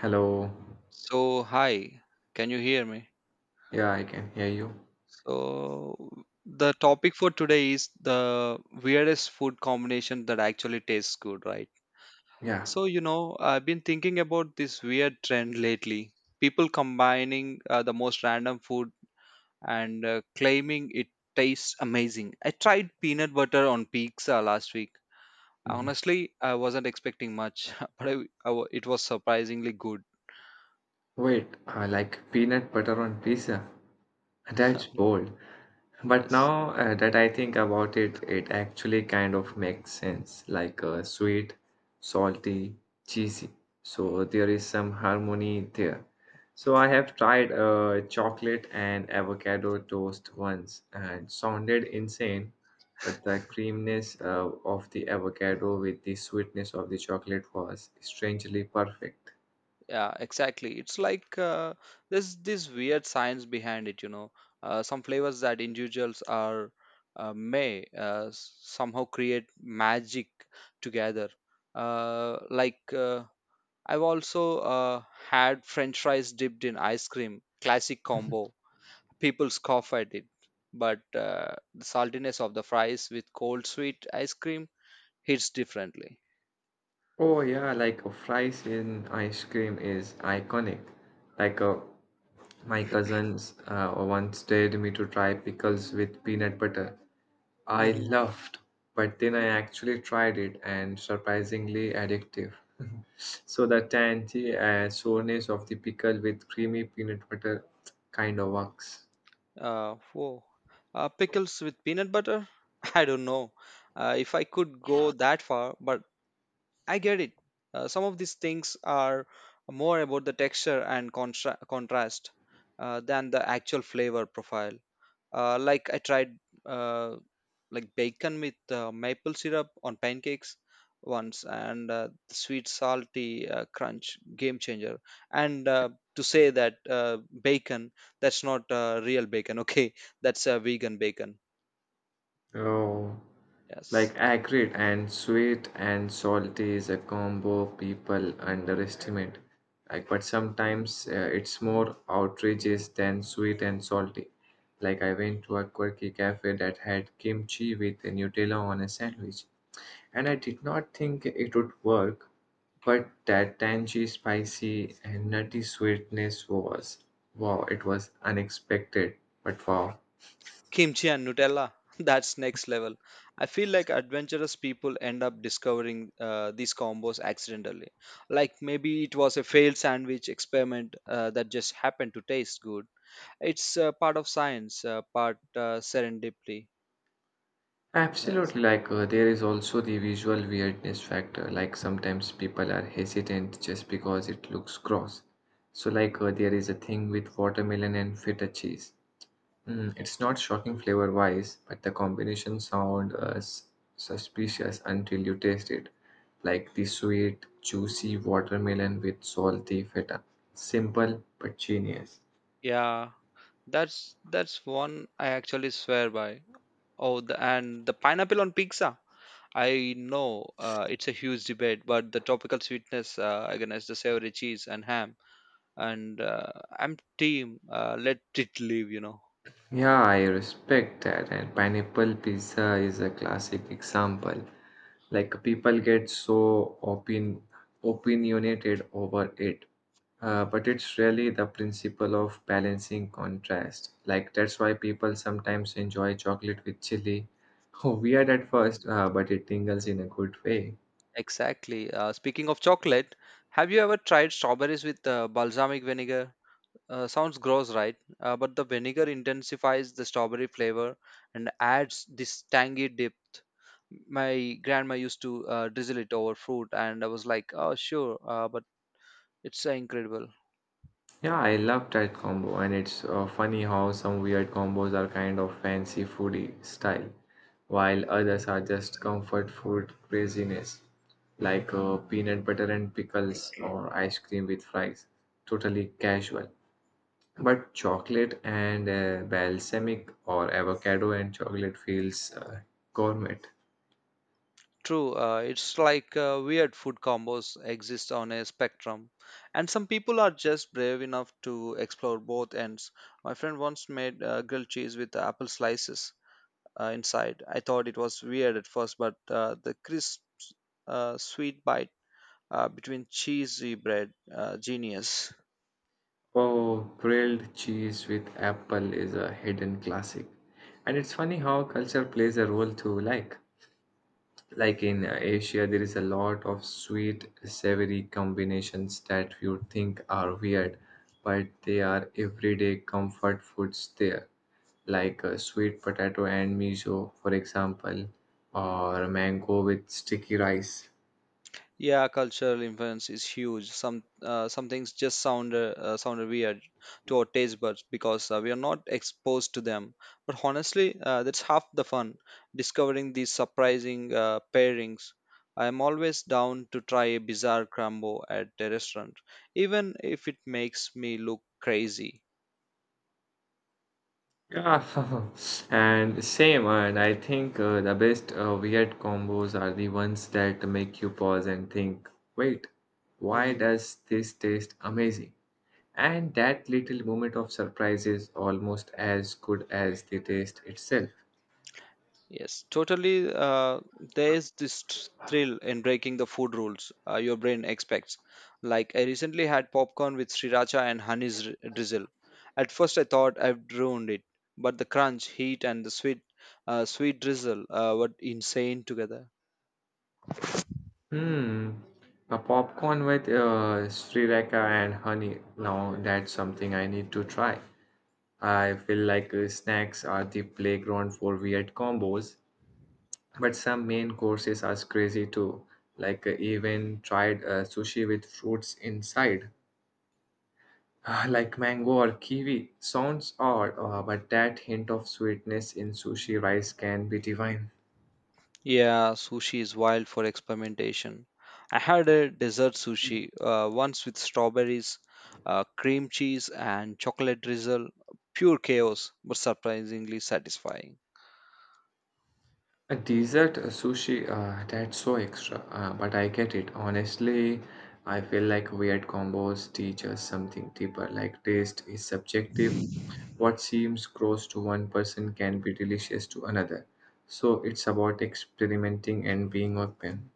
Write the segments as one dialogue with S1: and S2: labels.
S1: Hello.
S2: So, hi, can you hear me?
S1: Yeah, I can hear you.
S2: So, the topic for today is the weirdest food combination that actually tastes good, right?
S1: Yeah.
S2: So, you know, I've been thinking about this weird trend lately. People combining the most random food and claiming it tastes amazing. I tried peanut butter on pizza last week.
S1: Mhm.
S2: Honestly, I wasn't expecting much, but I wa- it was surprisingly good.
S1: Wait, I like peanut butter on pizza. That's bold. But
S2: Yes.
S1: now that I think about it, it actually kind of makes sense, like sweet, salty, cheesy. So there is some harmony there. So I have tried chocolate and avocado toast once and sounded insane, but the creaminess of the avocado with the sweetness of the chocolate was strangely perfect.
S2: Yeah, exactly. It's like there's this weird science behind it, you know. Some flavors that individuals are may somehow create magic together. Uh, like uh, I've also had French fries dipped in ice cream, classic combo. People scoff at it, but the saltiness of the fries with cold sweet ice cream hits differently.
S1: Oh yeah, like fries in ice cream is iconic. Like a My cousins once dared me to try pickles with peanut butter. I laughed, but then I actually tried it and surprisingly addictive. So the tangy soreness of the pickle with creamy peanut butter kind of works.
S2: Whoa. Pickles with peanut butter? I don't know if I could go that far, but I get it. Some of these things are more about the texture and contrast than the actual flavor profile. Like I tried uh, like bacon with maple syrup on pancakes once, and the sweet salty crunch game changer. And to say that bacon, that's not real bacon. Okay, that's vegan bacon.
S1: Oh. Like
S2: Yes,
S1: acrid and sweet and salty is a combo people underestimate. Like, but sometimes it's more outrageous than sweet and salty. Like I went to a quirky cafe that had kimchi with Nutella on a sandwich, and I did not think it would work. But that tangy, spicy, and nutty sweetness was wow! It was unexpected, but wow!
S2: kimchi and Nutella. That's next level. I feel like adventurous people end up discovering these combos accidentally. Like maybe it was a failed sandwich experiment that just happened to taste good. It's part of science, part serendipity. Yes.
S1: Absolutely, like there is also the visual weirdness factor. Like sometimes people are hesitant just because it looks gross. So, like there is a thing with watermelon and feta cheese. Mm, it's not shocking flavor wise, but the combination sound suspicious until you taste it. Like the sweet, juicy watermelon with salty feta. Simple but genius.
S2: Yeah, that's one I actually swear by. Oh, the, and the pineapple on pizza. I know it's a huge debate, but the tropical sweetness against the savory cheese and ham, and I'm team. Let it live, you know.
S1: Yeah, I respect that. And pineapple pizza is a classic example. Like people get so opin opinionated over it, but it's really the principle of balancing contrast, like that's why people sometimes enjoy chocolate with chili. Weird at first, but it tingles in a good way.
S2: Exactly. Speaking of chocolate, have you ever tried strawberries with balsamic vinegar? Sounds gross, right? But the vinegar intensifies the strawberry flavor and adds this tangy depth. My grandma used to drizzle it over fruit, and I was like, oh, sure, but it's incredible.
S1: Yeah, I love that combo, and it's funny how some weird combos are kind of fancy foodie style, while others are just comfort food craziness, like peanut butter and pickles or ice cream with fries, totally casual. But chocolate and balsamic or avocado and chocolate feels gourmet.
S2: True, it's like weird food combos exist on a spectrum, and some people are just brave enough to explore both ends. My friend once made grilled cheese with apple slices inside. I thought it was weird at first, but the crisp, sweet bite between cheesy bread genius.
S1: Oh, grilled cheese with apple is a hidden classic. And it's funny how culture plays a role too, like. Like in Asia, there is a lot of sweet, savory combinations that you think are weird, but they are everyday comfort foods there, like sweet potato and miso, for example, or mango with sticky rice.
S2: Yeah, cultural influence is huge. Some things just sound sound weird to our taste buds because we are not exposed to them. But honestly, that's half the fun, discovering these surprising pairings. I am always down to try a bizarre crumble at a restaurant, even if it makes me look crazy.
S1: Yeah, and same. And I think the best weird combos are the ones that make you pause and think, wait, why
S2: Mm-hmm.
S1: does this taste amazing? And that little moment of surprise is almost as good as the taste itself.
S2: Yes, totally. There is this thrill in breaking the food rules your brain expects. Like, I recently had popcorn with sriracha and honey drizzle. At first, I thought I'd ruined it, but the crunch, heat, and the sweet drizzle were insane together.
S1: Hmm, a popcorn with sriracha and honey. Now that's something I need to try. I feel like snacks are the playground for weird combos, but some main courses are crazy too. Like even tried sushi with fruits inside, ah, like mango or kiwi. Sounds odd, but that hint of sweetness in sushi rice can be divine.
S2: Yeah, sushi is wild for experimentation. I had a dessert sushi once with strawberries, cream cheese, and chocolate drizzle. Pure chaos, but surprisingly satisfying.
S1: A dessert sushi, that's so extra, but I get it. Honestly, I feel like weird combos teach us something deeper, like taste is subjective. What seems gross to one person can be delicious to another. So it's about experimenting and being open.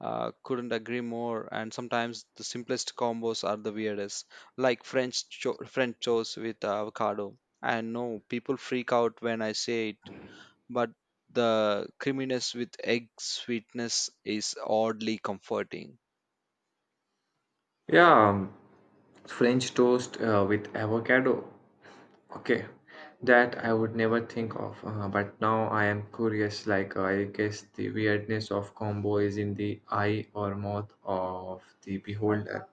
S2: Couldn't agree more. And sometimes the simplest combos are the weirdest, like French toast with avocado. I know people freak out when I say it, but the creaminess with egg sweetness is oddly comforting.
S1: Yeah, French toast with avocado. Okay, that I would never think of, but now I am curious. Like, I guess the weirdness of combo is in the eye or mouth of the beholder.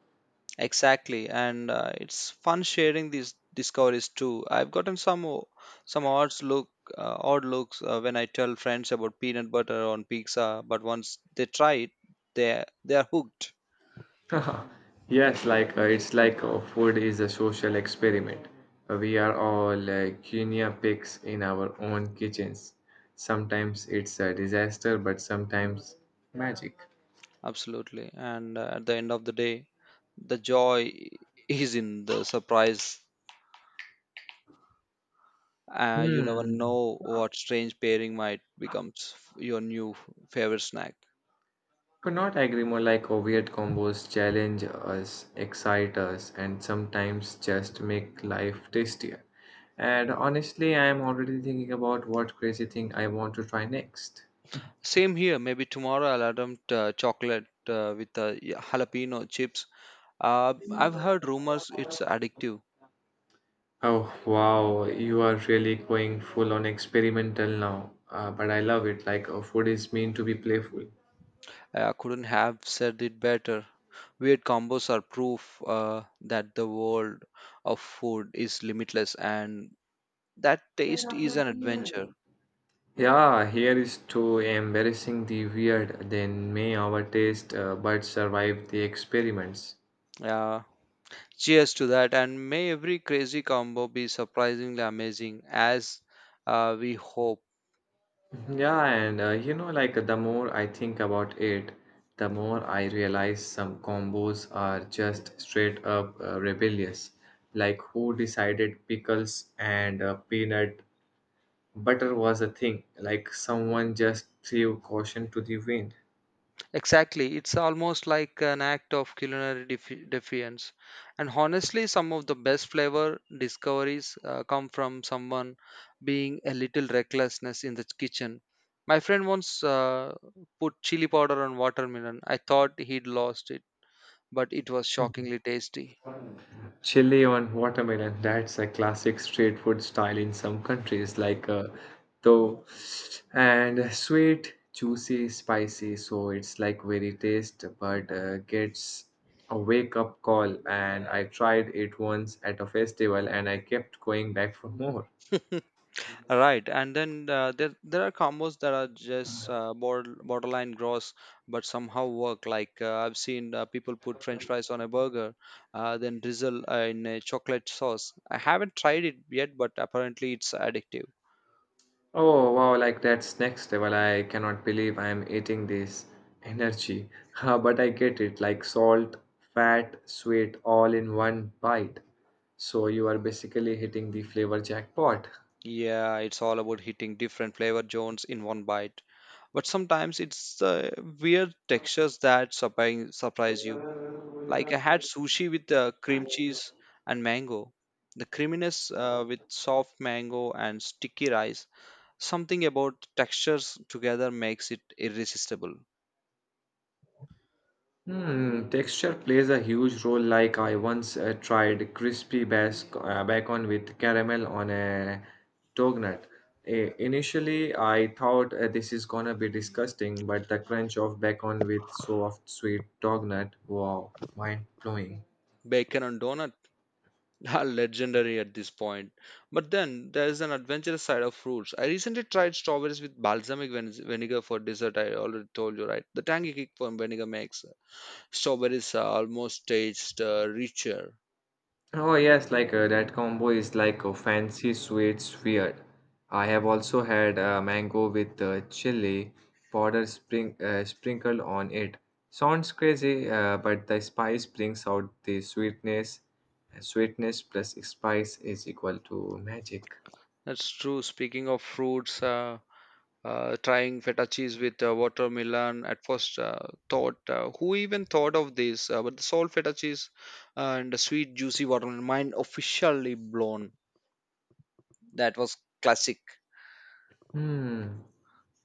S2: Exactly, and it's fun sharing these discoveries too. I've gotten some odd looks when I tell friends about peanut butter on pizza, but once they try it, they are hooked.
S1: Yes, like it's like food is a social experiment. We are all guinea pigs in our own kitchens. Sometimes it's a disaster, but sometimes magic.
S2: Absolutely, and at the end of the day, the joy is in the surprise. You never
S1: Hmm.
S2: know what strange pairing might becomes your new favorite snack.
S1: Could not agree more, like oh, weird combos challenge us, excite us, and sometimes just make life tastier. And honestly, I am already thinking about what crazy thing I want to try next.
S2: Same here. Maybe tomorrow I'll attempt chocolate with jalapeno chips. I've heard rumors it's addictive.
S1: Oh wow, you are really going full on experimental now. But I love it, like food is meant to be playful.
S2: I couldn't have said it better. Weird combos are proof that the world of food is limitless and that taste is an adventure.
S1: Yeah, here is to embarrassing the weird, then may our taste buds survive the experiments.
S2: Yeah. Cheers to that, and may every crazy combo be surprisingly amazing as we hope.
S1: Yeah, and you know, like the more I think about it, the more I realize some combos are just straight up rebellious. Like, who decided pickles and peanut butter was a thing? Like, someone just threw caution to the wind.
S2: Exactly. It's almost like an act of defiance. And honestly, some of the best flavor discoveries come from someone being a little recklessness in the kitchen. My friend once put chili powder on watermelon. I thought he'd lost it, but it was shockingly tasty.
S1: Chili on watermelon, that's a classic street food style in some countries, like though. And sweet, juicy, spicy, so it's like very taste, but gets a wake up call. And I tried it once at a festival and I kept going back for more.
S2: Right, and then there are combos that are just borderline gross, but somehow work. Like I've seen people put French fries on a burger, then drizzle in a chocolate sauce. I haven't tried it yet, but apparently it's addictive.
S1: Oh wow, like that's next level. I cannot believe I'm eating this energy. Ah, but I get it, like salt, fat, sweet all in one bite. So you are basically hitting the flavor jackpot.
S2: Yeah, it's all about hitting different flavor zones in one bite. But sometimes it's weird textures that surprise you. Like I had sushi with cream cheese and mango, the creaminess with soft mango and sticky rice. Something about textures together makes it irresistible.
S1: Hmm, texture plays a huge role. Like I once tried crispy bacon with caramel on a doughnut. Initially, I thought this is gonna be disgusting, but the crunch of bacon with soft, sweet doughnut, wow, mind blowing.
S2: Bacon and donut are legendary at this point. But then there is an adventurous side of fruits. I recently tried strawberries with vinegar for dessert. I already told you, right? The tangy kick from vinegar makes strawberries almost taste richer.
S1: Oh yes, like that combo is like a fancy sweet weird. I have also had mango with chili powder spring sprinkled on it. Sounds crazy, but the spice brings out the sweetness. Sweetness plus spice is equal to magic.
S2: That's true. Speaking of fruits, trying feta cheese with watermelon at first thought who even thought of this, but the salt feta cheese and the sweet juicy watermelon, mind officially blown. That was classic.
S1: Hmm.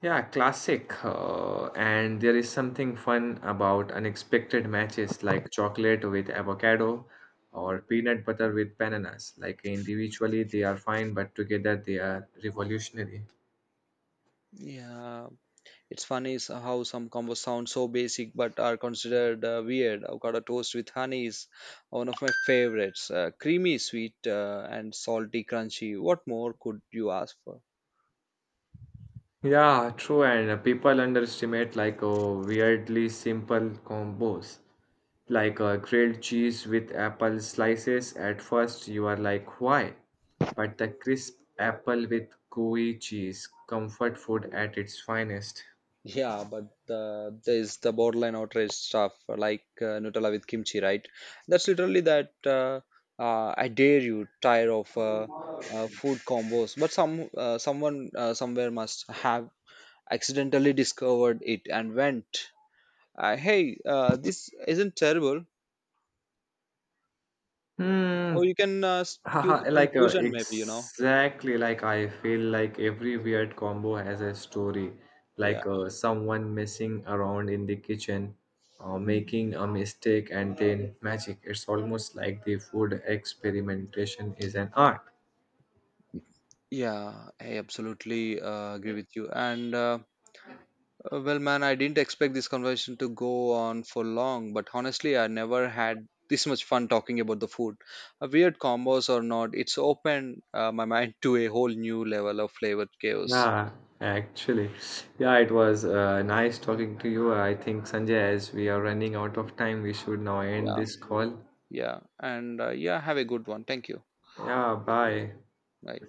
S1: Yeah, classic. And there is something fun about unexpected matches like chocolate with avocado or peanut butter with bananas. Like individually, they are fine, but together they are revolutionary.
S2: Yeah, it's funny is how some combos sound so basic but are considered weird. Avocado toast with honey is one of my favorites, creamy sweet and salty crunchy, what more could you ask for?
S1: Yeah, true. And people underestimate like weirdly simple combos. Like grilled cheese with apple slices. At first, you are like, why? But the crisp apple with gooey cheese, comfort food at its finest.
S2: Yeah, but there's the borderline outrage stuff like Nutella with kimchi, right? That's literally that. I dare you, tired of food combos, but somewhere must have accidentally discovered it and went, "Hey, this isn't terrible."
S1: Hmm.
S2: So you can give the
S1: Haha. Like
S2: conclusion, maybe you know.
S1: exactly. Like I feel like every weird combo has a story.
S2: Yeah,
S1: Like someone messing around in the kitchen, making a mistake, and then magic. It's almost like the food experimentation is an art.
S2: yeah, I absolutely agree with you, and. Well, man, I didn't expect this conversation to go on for long, but honestly, I never had this much fun talking about the food. Weird combos or not, it's opened my mind to a whole new level of flavored chaos.
S1: Yeah, actually. Yeah, it was nice talking to you. I think Sanjay, as we are running out of time, we should now end
S2: Yeah,
S1: this call.
S2: yeah. And yeah, have a good one. Thank you.
S1: Yeah. Bye.
S2: Bye.